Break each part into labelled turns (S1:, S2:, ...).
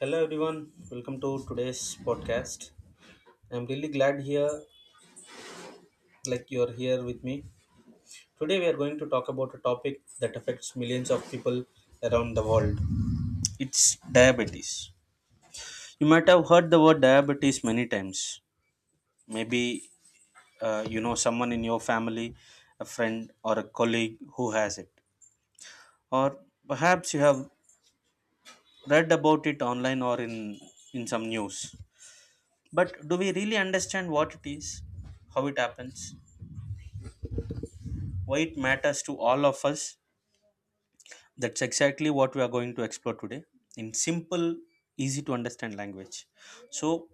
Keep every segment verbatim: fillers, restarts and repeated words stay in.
S1: Hello everyone, welcome to today's podcast. I'm really glad here, like you're here with me. Today we are going to talk about a topic that affects millions of people around the world. It's diabetes. You might have heard the word diabetes many times. Maybe uh, you know someone in your family, a friend or a colleague who has it, or perhaps you have read about it online or in in some news. But do we really understand what it is, how it happens, why it matters to all of us? That's exactly what we are going to explore today in simple, easy to understand language. So,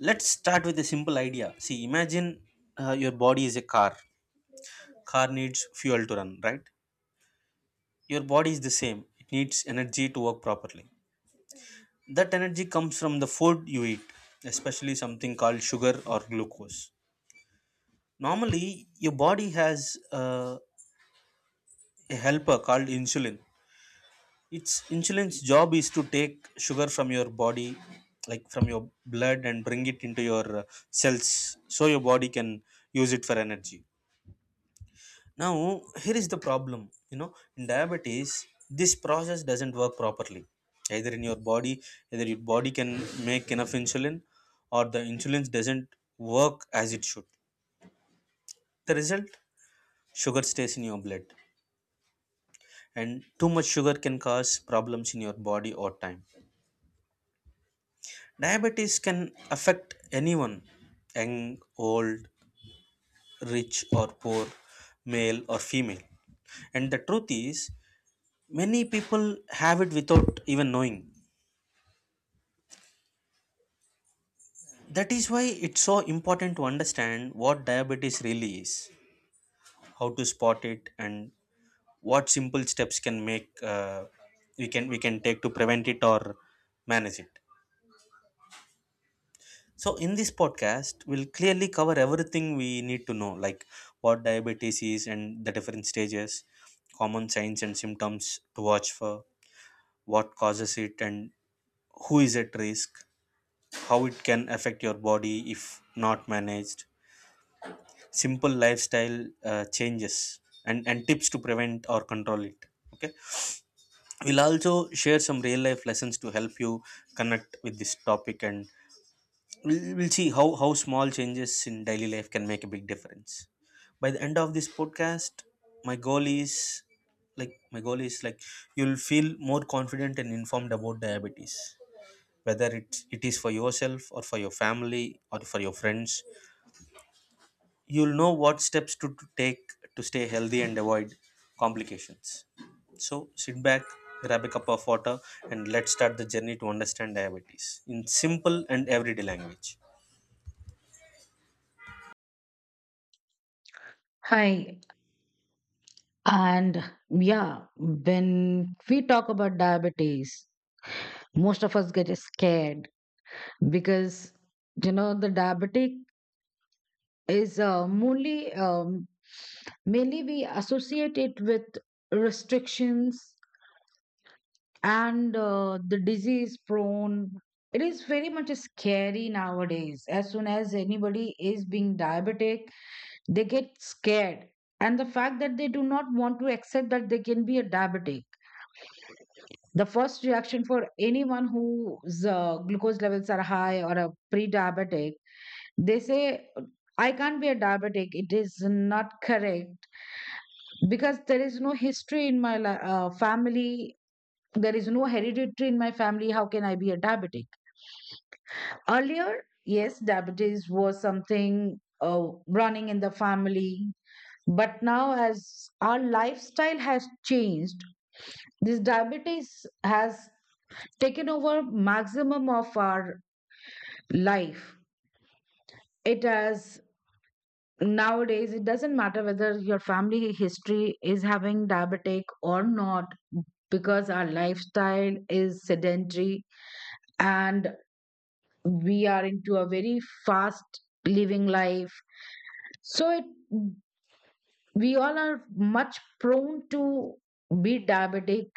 S1: let's start with a simple idea. See, imagine uh, your body is a car. Car needs fuel to run, right? Your body is the same. It needs energy to work properly. That energy comes from the food you eat, especially something called sugar or glucose. Normally, your body has uh, a helper called insulin. It's insulin's job is to take sugar from your body, like from your blood, and bring it into your uh, cells so your body can use it for energy. Now, here is the problem, you know, in diabetes, this process doesn't work properly. Either in your body, either your body can make enough insulin, or the insulin doesn't work as it should. The result, sugar stays in your blood, and too much sugar can cause problems in your body or time. Diabetes can affect anyone, young, old, rich or poor, male or female. And the truth is, many people have it without even knowing. That is why it's so important to understand what diabetes really is, how to spot it, and what simple steps can make uh, we can we can take to prevent it or manage it. So, in this podcast, we'll clearly cover everything we need to know, like what diabetes is and the different stages, common signs and symptoms to watch for, what causes it, and who is at risk, how it can affect your body if not managed, simple lifestyle uh, changes, and, and tips to prevent or control it. Okay, we'll also share some real life lessons to help you connect with this topic, and we'll, we'll see how how small changes in daily life can make a big difference. By the end of this podcast, my goal is like my goal is like you'll feel more confident and informed about diabetes. Whether it, it is for yourself or for your family or for your friends, you'll know what steps to, to take to stay healthy and avoid complications. So sit back, grab a cup of water, and let's start the journey to understand diabetes in simple and everyday language.
S2: Hi, and yeah, when we talk about diabetes, most of us get scared because you know the diabetic is uh, mainly um, mainly we associate it with restrictions and uh, the disease prone. It is very much scary nowadays. As soon as anybody is being diabetic, they get scared, and the fact that they do not want to accept that they can be a diabetic. The first reaction for anyone whose uh, glucose levels are high or a pre diabetic, they say, I can't be a diabetic. It is not correct because there is no history in my li- uh, family. There is no hereditary in my family. How can I be a diabetic? Earlier, yes, diabetes was something uh, running in the family. But now, as our lifestyle has changed, this diabetes has taken over maximum of our life. It has nowadays, it doesn't matter whether your family history is having diabetic or not, because our lifestyle is sedentary and we are into a very fast living life. So it we all are much prone to be diabetic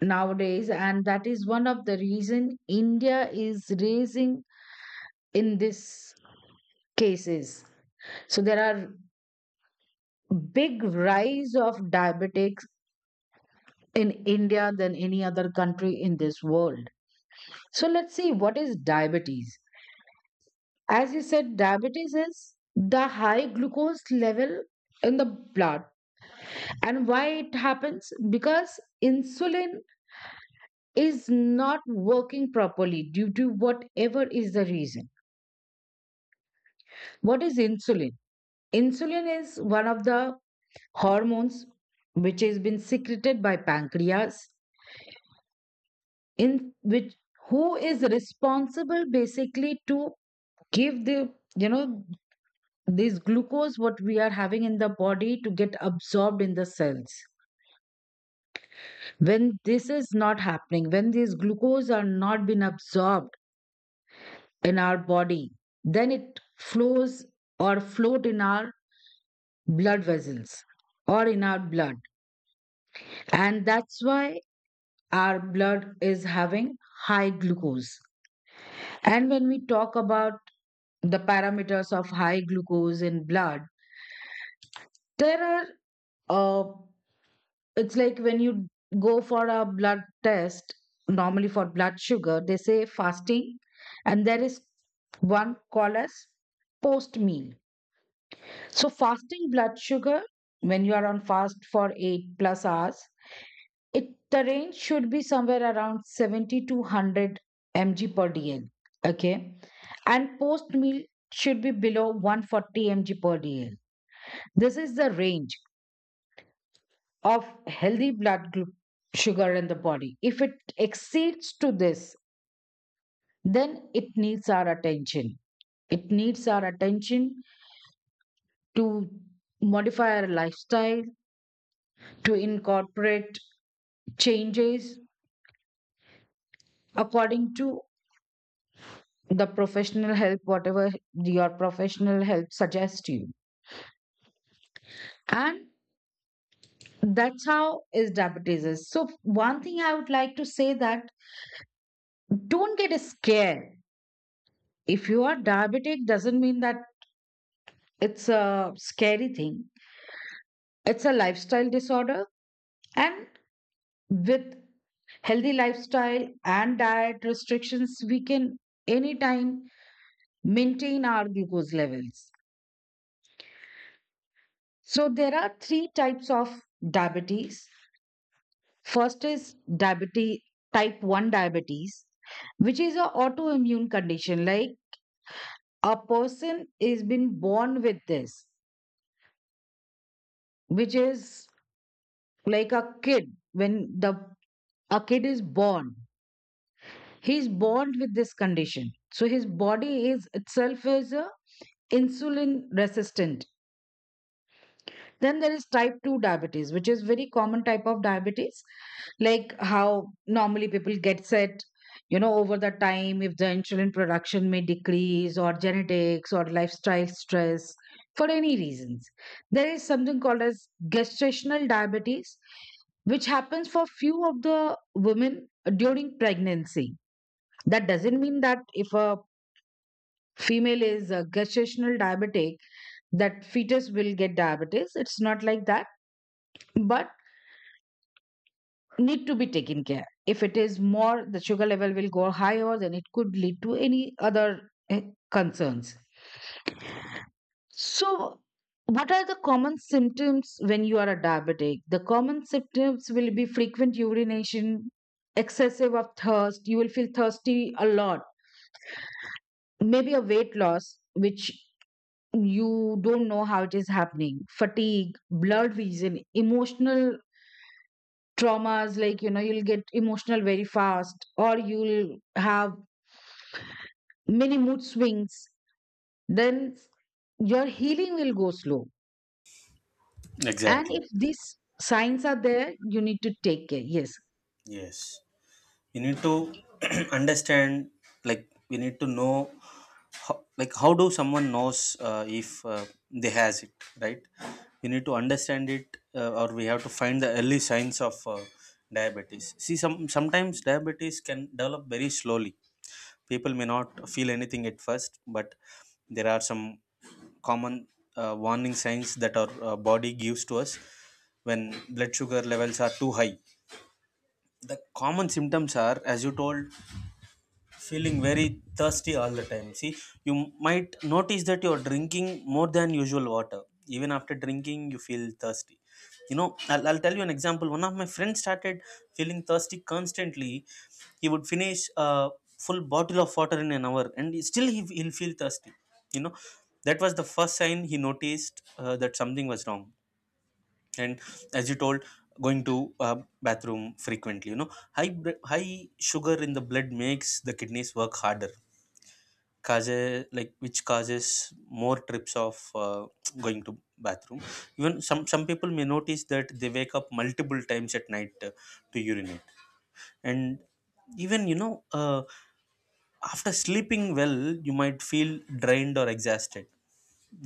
S2: nowadays, and that is one of the reason India is raising in this cases. So there are big rise of diabetics in India than any other country in this world. So let's see what is diabetes. As you said, diabetes is the high glucose level in the blood. And why it happens? Because insulin is not working properly due to whatever is the reason. What is insulin? Insulin is one of the hormones which has been secreted by pancreas, in which who is responsible basically to give the, you know, this glucose what we are having in the body to get absorbed in the cells. When this is not happening, when these glucose are not being absorbed in our body, then it flows or float in our blood vessels or in our blood, and that's why our blood is having high glucose. And when we talk about the parameters of high glucose in blood, there are uh, it's like when you go for a blood test, normally for blood sugar they say fasting, and there is one called as post meal. So fasting blood sugar, when you are on fast for eight plus hours, it the range should be somewhere around seventy to one hundred milligrams per dl, okay, and post meal should be below one hundred forty milligrams per dl. This is the range of healthy blood glu- sugar in the body. If it exceeds to this, then it needs our attention. It needs our attention to modify our lifestyle, to incorporate changes according to the professional help, whatever your professional help suggests you. And that's how is diabetes is. So one thing I would like to say that don't get scared. If you are diabetic doesn't mean that it's a scary thing. It's a lifestyle disorder, and with healthy lifestyle and diet restrictions, we can anytime maintain our glucose levels. So there are three types of diabetes. First is diabetes type one diabetes, which is an autoimmune condition, like a person is been born with this, which is like a kid. When the a kid is born, he's born with this condition, so his body is itself is a insulin resistant. Then there is type two diabetes, which is very common type of diabetes, like how normally people get set, you know, over the time if the insulin production may decrease, or genetics or lifestyle stress, for any reasons. There is something called as gestational diabetes, which happens for few of the women during pregnancy. That doesn't mean that if a female is a gestational diabetic, that fetus will get diabetes. It's not like that, but need to be taken care. If it is more, the sugar level will go higher, then it could lead to any other eh, concerns. So, what are the common symptoms when you are a diabetic? The common symptoms will be frequent urination, excessive of thirst. You will feel thirsty a lot. Maybe a weight loss, which you don't know how it is happening, fatigue, blurred vision, emotional traumas, like you know you'll get emotional very fast, or you'll have many mood swings. Then your healing will go slow, and
S1: Exactly.
S2: if these signs are there you need to take care. Yes,
S1: Yes, we need to understand. Like we need to know, how, like how do someone knows uh, if uh, they has it, right? We need to understand it, uh, or we have to find the early signs of uh, diabetes. See, some sometimes diabetes can develop very slowly. People may not feel anything at first, but there are some common uh, warning signs that our uh, body gives to us when blood sugar levels are too high. The common symptoms are, as you told, feeling very thirsty all the time. See, you m- might notice that you're drinking more than usual water, even after drinking you feel thirsty. You know, I'll, I'll tell you an example. One of my friends started feeling thirsty constantly. He would finish a full bottle of water in an hour, and he- still he, he'll feel thirsty, you know. That was the first sign he noticed, uh, that something was wrong. And as you told, going to uh, bathroom frequently, you know, high br- high sugar in the blood makes the kidneys work harder, causes like which causes more trips of uh, going to bathroom. Even some some people may notice that they wake up multiple times at night uh, to urinate. And even, you know, uh, after sleeping well, you might feel drained or exhausted.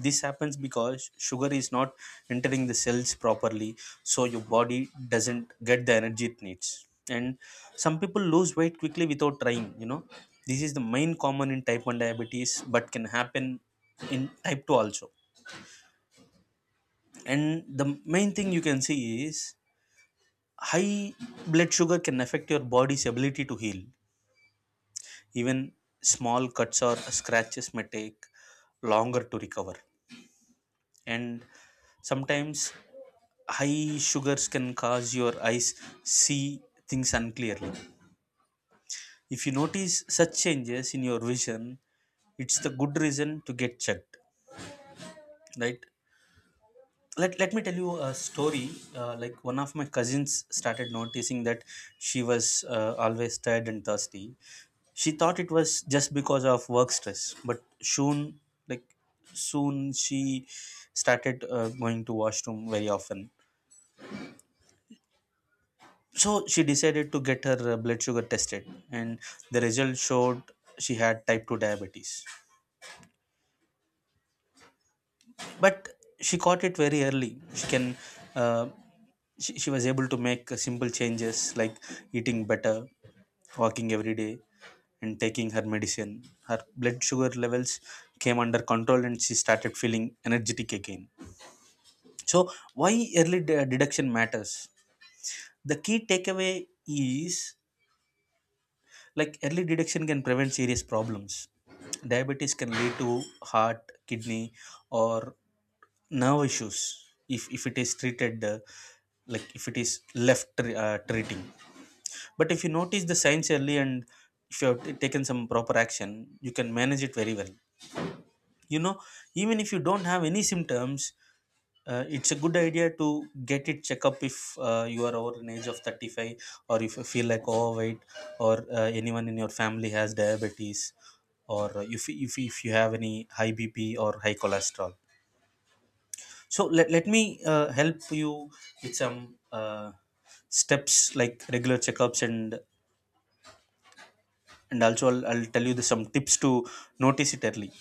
S1: This happens because sugar is not entering the cells properly, so your body doesn't get the energy it needs. And some people lose weight quickly without trying, you know. This is the main common in type one diabetes but can happen in type two also. And the main thing you can see is high blood sugar can affect your body's ability to heal. Even small cuts or scratches may take longer to recover. And sometimes high sugars can cause your eyes see things unclearly. If you notice such changes in your vision, it's the good reason to get checked, right? Let, let me tell you a story. Uh, like one of my cousins started noticing that she was uh, always tired and thirsty. She thought it was just because of work stress, but soon like soon she started uh, going to washroom very often. So she decided to get her uh, blood sugar tested, and the result showed she had type two diabetes. But she caught it very early. She can, uh, she, she was able to make uh, simple changes like eating better, walking every day, and taking her medicine. Her blood sugar levels came under control, and she started feeling energetic again. So, why early de- deduction matters? The key takeaway is, like, early detection can prevent serious problems. Diabetes can lead to heart, kidney, or nerve issues if, if it is treated, uh, like if it is left uh, treating. But if you notice the signs early and if you have t- taken some proper action, you can manage it very well, you know. Even if you don't have any symptoms, uh, it's a good idea to get it check up if uh, you are over an age of thirty-five, or if you feel like overweight, or uh, anyone in your family has diabetes, or if, if, if you have any high bp or high cholesterol. So let, let me uh, help you with some uh, steps like regular checkups. and and also I'll, I'll tell you the, some tips to notice it early,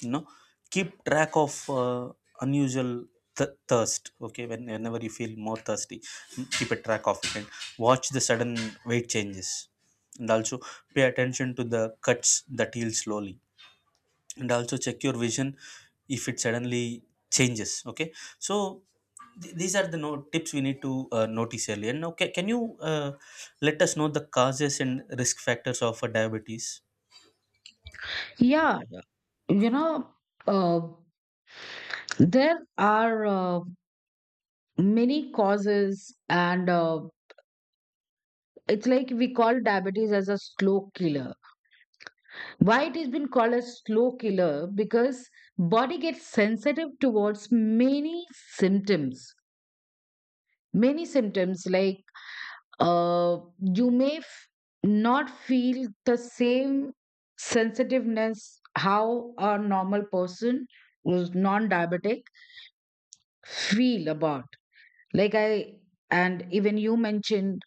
S1: you know. Keep track of uh, unusual th- thirst. Okay, when, whenever you feel more thirsty, keep a track of it. And watch the sudden weight changes, and also pay attention to the cuts that heal slowly, and also check your vision if it suddenly changes. Okay, so th- these are the no tips we need to uh, notice early. And now ca- can you uh, let us know the causes and risk factors of uh, diabetes?
S2: yeah, you know, uh, there are uh, many causes, and uh, it's like we call diabetes as a slow killer. Why it has been called a slow killer? Because body gets sensitive towards many symptoms. Many symptoms like, uh, you may f- not feel the same sensitiveness how a normal person who's non-diabetic feel about. Like I and even you mentioned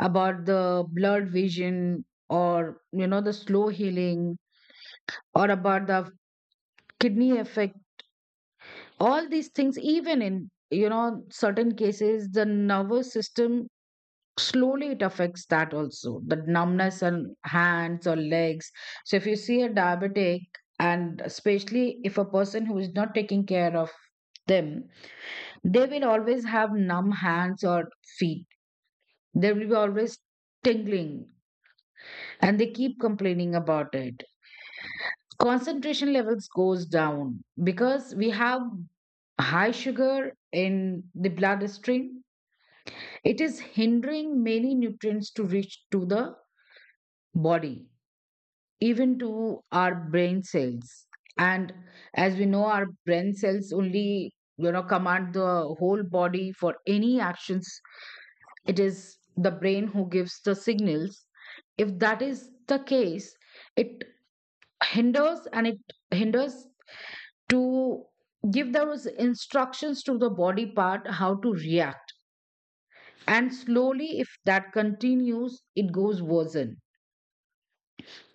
S2: about the blurred vision, or you know the slow healing, or about the kidney effect. All these things, even in you know certain cases, the nervous system, slowly it affects that also, the numbness on hands or legs. So if you see a diabetic, and especially if a person who is not taking care of them, they will always have numb hands or feet. They will be always tingling, and they keep complaining about it. Concentration levels goes down because we have high sugar in the bloodstream. It is hindering many nutrients to reach to the body, even to our brain cells. And as we know, our brain cells only, you know, command the whole body for any actions. It is the brain who gives the signals. If that is the case, it hinders and it hinders to give those instructions to the body part how to react. And slowly, if that continues, it goes worsen.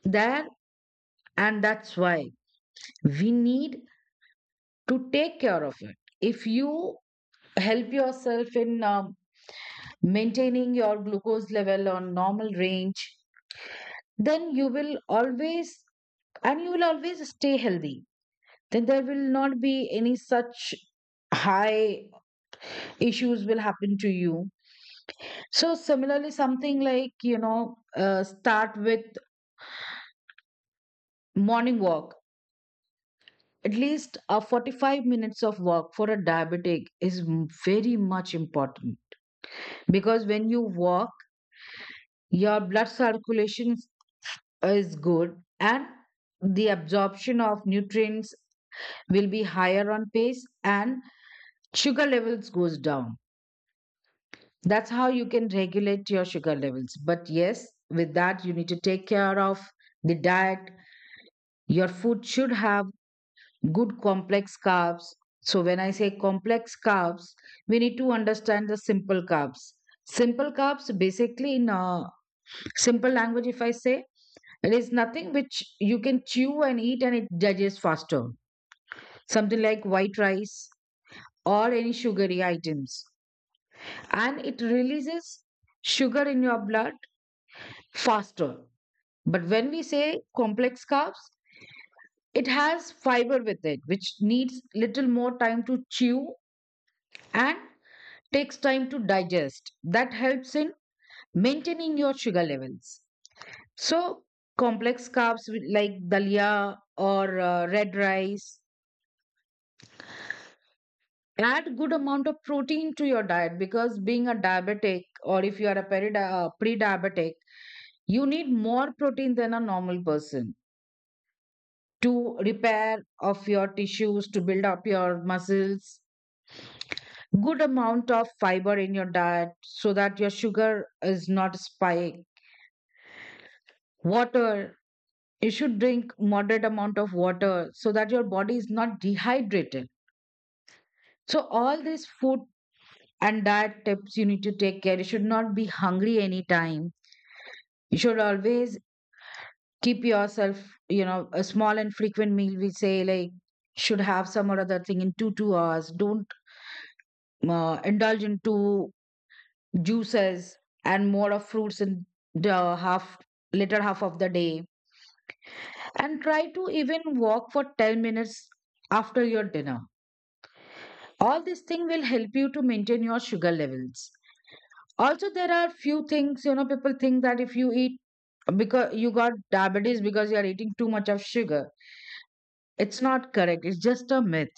S2: There And that's why we need to take care of it. If you help yourself in um, maintaining your glucose level on normal range, then you will always and you will always stay healthy. Then there will not be any such high issues will happen to you. So similarly, something like you know, uh, start with morning walk. At least uh, forty-five minutes of walk for a diabetic is m- very much important, because when you walk, your blood circulation is good, and the absorption of nutrients will be higher on pace, and sugar levels goes down. That's how you can regulate your sugar levels. But yes, with that, you need to take care of the diet. Your food should have good complex carbs. So, when I say complex carbs, we need to understand the simple carbs. Simple carbs, basically, in uh, simple language, if I say, it is nothing which you can chew and eat and it digests faster. Something like white rice or any sugary items. And it releases sugar in your blood faster. But when we say complex carbs, it has fiber with it, which needs little more time to chew and takes time to digest. That helps in maintaining your sugar levels. So, complex carbs with- like dalia or uh, red rice. Add good amount of protein to your diet, because being a diabetic, or if you are a perida- uh, pre-diabetic, you need more protein than a normal person to repair of your tissues, to build up your muscles. Good amount of fiber in your diet so that your sugar is not spike. Water, you should drink moderate amount of water so that your body is not dehydrated. So all these food and diet tips you need to take care. You should not be hungry anytime. You should always keep yourself, you know, a small and frequent meal we say, like should have some or other thing in two two hours. Don't uh, indulge into juices and more of fruits in the half later half of the day, and try to even walk for ten minutes after your dinner. All these things will help you to maintain your sugar levels. Also, there are few things, you know, people think that if you eat, because you got diabetes because you are eating too much of sugar. It's not correct, it's just a myth.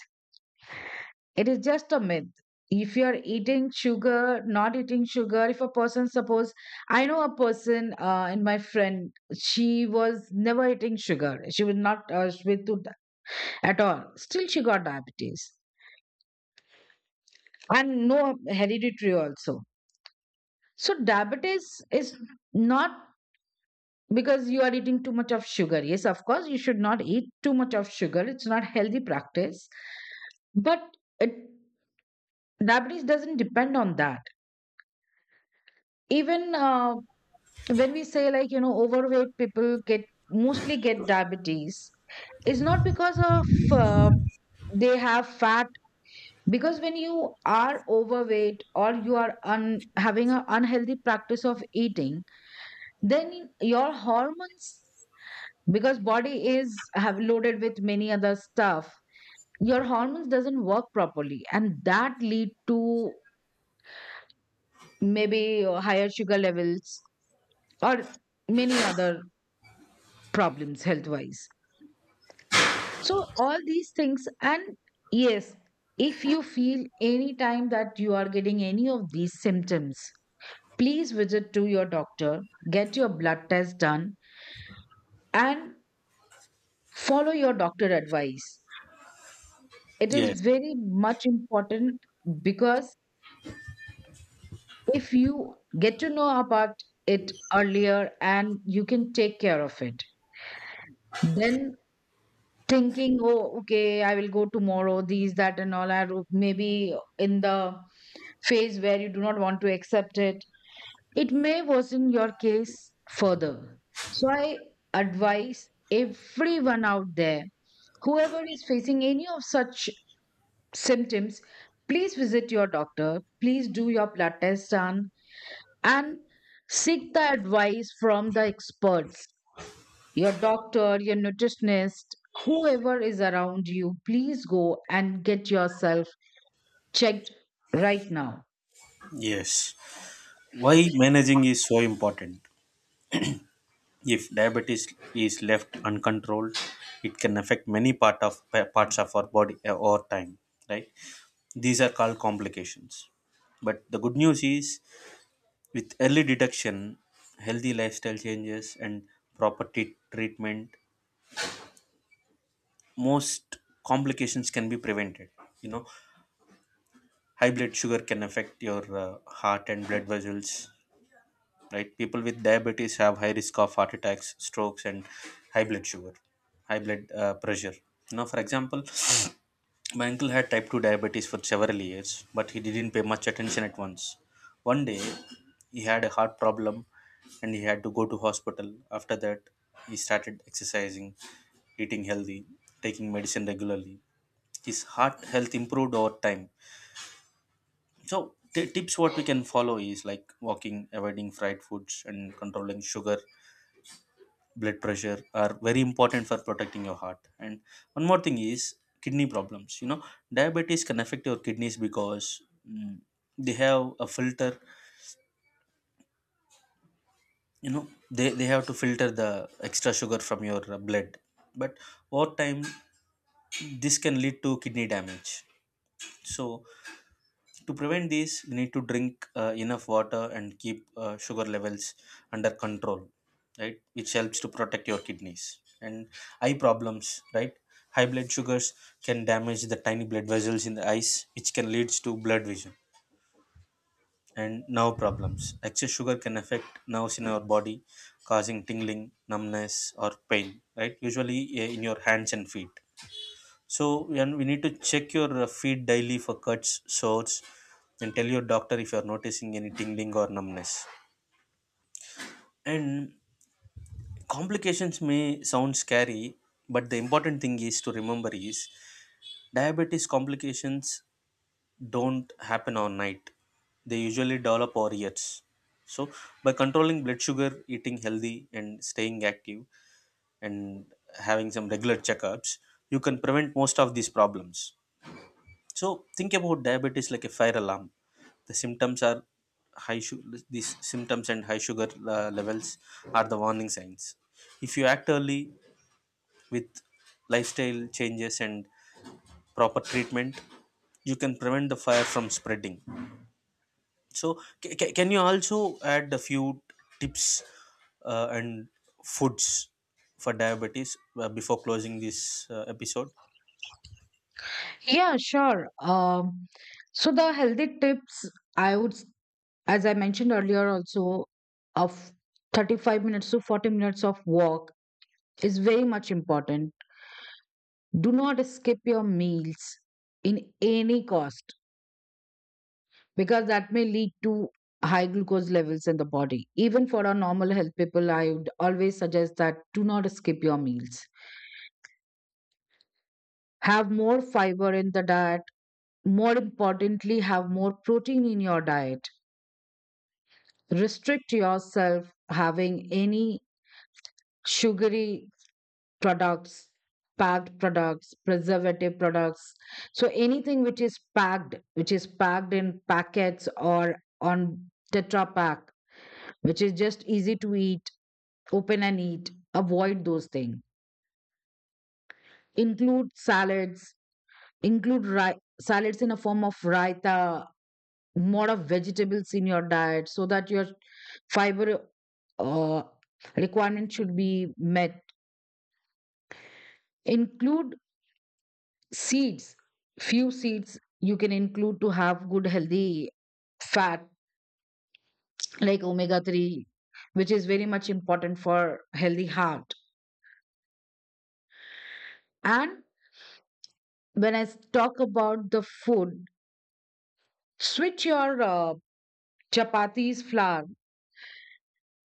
S2: It is just a myth. If you are eating sugar, not eating sugar, if a person, suppose I know a person, uh, in my friend, she was never eating sugar. She was not uh, with to at all, still she got diabetes, and no hereditary also. So diabetes is not because you are eating too much of sugar. Yes, of course, you should not eat too much of sugar. It's not healthy practice. But it, diabetes doesn't depend on that. Even uh, when we say like you know overweight people get mostly get diabetes, it's not because of uh, they have fat. Because when you are overweight or you are un- having an unhealthy practice of eating, then your hormones, because body is have loaded with many other stuff, your hormones doesn't work properly and that lead to maybe uh, higher sugar levels or many other problems health wise. So all these things, and yes, if you feel any time that you are getting any of these symptoms, please visit to your doctor, get your blood test done, and follow your doctor advice. It is
S1: Yes,
S2: very much important, because if you get to know about it earlier and you can take care of it, then thinking, "Oh, okay, I will go tomorrow," these that and all, are maybe in the phase where you do not want to accept it. It may worsen your case further. So I advise everyone out there, whoever is facing any of such symptoms, please visit your doctor, please do your blood test done, and seek the advice from the experts, your doctor, your nutritionist, whoever is around you. Please go and get yourself checked right now.
S1: yes. Why managing is so important? If diabetes is left uncontrolled, it can affect many part of pa- parts of our body uh, over time, right? These are called complications. But the good news is, with early detection, healthy lifestyle changes, and proper t- treatment, most complications can be prevented. You know, high blood sugar can affect your uh, heart and blood vessels, right? People with diabetes have high risk of heart attacks, strokes, and high blood sugar, high blood uh, pressure. Now for example, my uncle had type two diabetes for several years, but he didn't pay much attention at once. One day he had a heart problem and he had to go to hospital. After that, he started exercising, eating healthy, taking medicine regularly. His heart health improved over time. So t- tips what we can follow is like walking, avoiding fried foods, and controlling sugar, blood pressure, are very important for protecting your heart. And one more thing is kidney problems. You know, diabetes can affect your kidneys because, mm, they have a filter. You know, they, they have to filter the extra sugar from your uh, blood, but over time this can lead to kidney damage. So to prevent this, we need to drink uh, enough water and keep uh, sugar levels under control, right? Which helps to protect your kidneys. And eye problems, right? High blood sugars can damage the tiny blood vessels in the eyes, which can lead to blood vision. And nerve problems. Excess sugar can affect nerves in our body, causing tingling, numbness, or pain, right? Usually uh, in your hands and feet. So and we need to check your uh, feet daily for cuts, sores, and tell your doctor if you are noticing any tingling or numbness. And complications may sound scary, but the important thing is to remember is diabetes complications don't happen overnight. They usually develop over years. So by controlling blood sugar, eating healthy, and staying active, and having some regular checkups, you can prevent most of these problems. So think about diabetes like a fire alarm. The symptoms are high su- these symptoms and high sugar uh, levels are the warning signs. If you act early with lifestyle changes and proper treatment, you can prevent the fire from spreading. So ca- ca- can you also add a few tips uh, and foods for diabetes uh, before closing this uh, episode?
S2: Yeah, sure. Um so the healthy tips, I would s- as I mentioned earlier also, of thirty-five minutes to forty minutes of walk is very much important. Do not skip your meals in any cost, because that may lead to high glucose levels in the body. Even for our normal health people, I would always suggest that do not skip your meals. Have more fiber in the diet. More importantly, have more protein in your diet. Restrict yourself having any sugary products, packed products, preservative products. So anything which is packed, which is packed in packets or on Tetra Pak, which is just easy to eat, open and eat, avoid those things. Include salads, include ri- salads in a form of raita, more of vegetables in your diet so that your fiber uh, requirement should be met. Include seeds, few seeds you can include to have good healthy fat like omega three, which is very much important for healthy heart. And when I s- talk about the food, switch your uh, chapatis flour.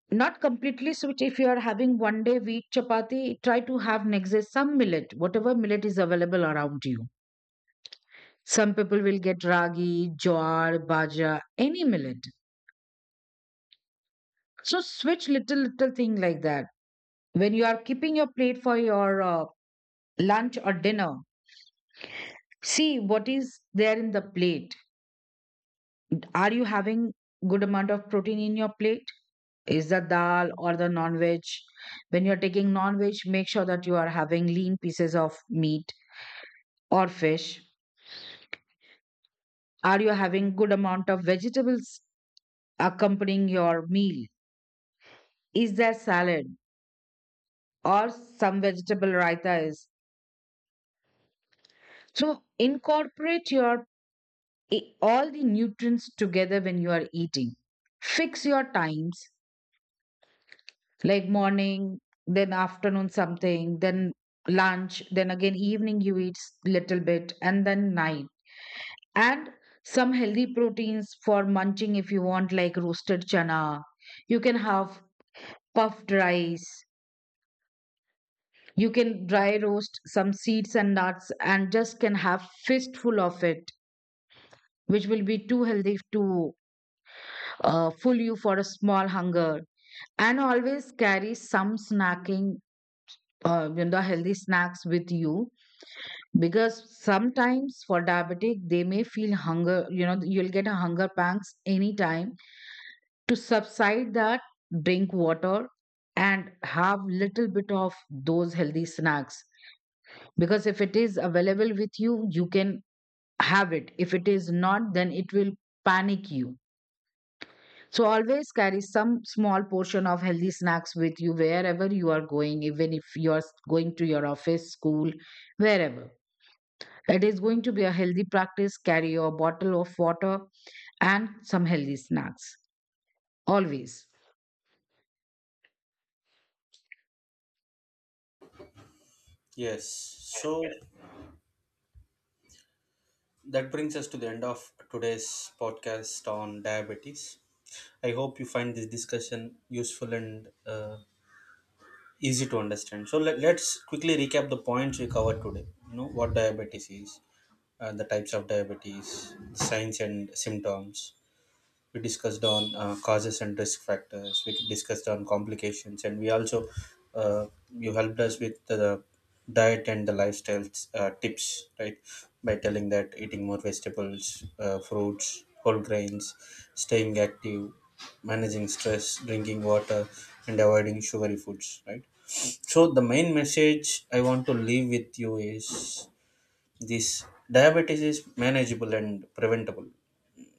S2: Not completely switch. If you are having one day wheat chapati, try to have next day some millet, whatever millet is available around you. Some people will get ragi, jowar, baja, any millet. So switch little little thing like that. When you are keeping your plate for your uh, lunch or dinner, see what is there in the plate. Are you having good amount of protein in your plate? Is the dal or the non-veg? When you're taking non-veg, make sure that you are having lean pieces of meat or fish. Are you having good amount of vegetables accompanying your meal? Is there salad or some vegetable raita? Is so incorporate your, i- all the nutrients together when you are eating. Fix your times, like morning, then afternoon something, then lunch, then again evening you eat s- little bit, and then night. And some healthy proteins for munching if you want, like roasted chana, you can have puffed rice. You can dry roast some seeds and nuts and just can have fistful of it, which will be too healthy to uh, fool you for a small hunger. And always carry some snacking, uh, you know, healthy snacks with you. Because sometimes for diabetic, they may feel hunger, you know, you'll get a hunger pangs anytime. To subside that, drink water and have little bit of those healthy snacks, because if it is available with you, you can have it. If it is not, then it will panic you. So always carry some small portion of healthy snacks with you wherever you are going. Even if you are going to your office, school, wherever, it is going to be a healthy practice. Carry your bottle of water and some healthy snacks always.
S1: Yes. So that brings us to the end of today's podcast on diabetes. I hope you find this discussion useful and uh, easy to understand. So let, let's quickly recap the points we covered today. You know what diabetes is, uh, the types of diabetes, signs and symptoms, we discussed on uh, causes and risk factors, we discussed on complications, and we also, uh, you helped us with the diet and the lifestyle uh, tips, right, by telling that eating more vegetables, uh, fruits, whole grains, staying active, managing stress, drinking water, and avoiding sugary foods, right? So the main message I want to leave with you is this. Diabetes is manageable and preventable.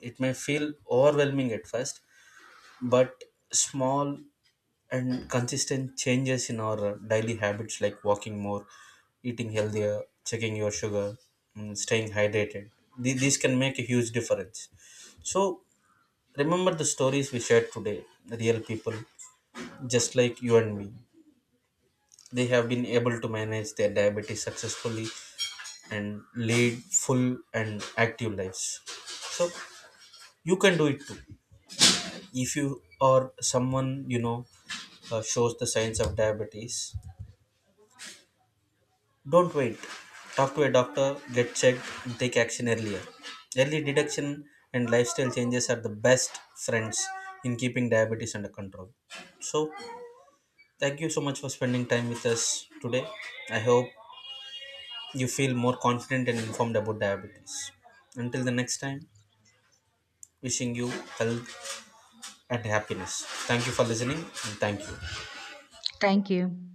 S1: It may feel overwhelming at first, but small and consistent changes in our daily habits like walking more, eating healthier, checking your sugar, mm, staying hydrated, Th- these can make a huge difference. So remember the stories we shared today, the real people just like you and me, they have been able to manage their diabetes successfully and lead full and active lives. So you can do it too. If you or someone you know uh, shows the signs of diabetes, don't wait. Talk to a doctor, get checked, and take action earlier. Early detection and lifestyle changes are the best friends in keeping diabetes under control. So thank you so much for spending time with us today. I hope you feel more confident and informed about diabetes. Until the next time, wishing you health and happiness. Thank you for listening, and thank you.
S2: Thank you.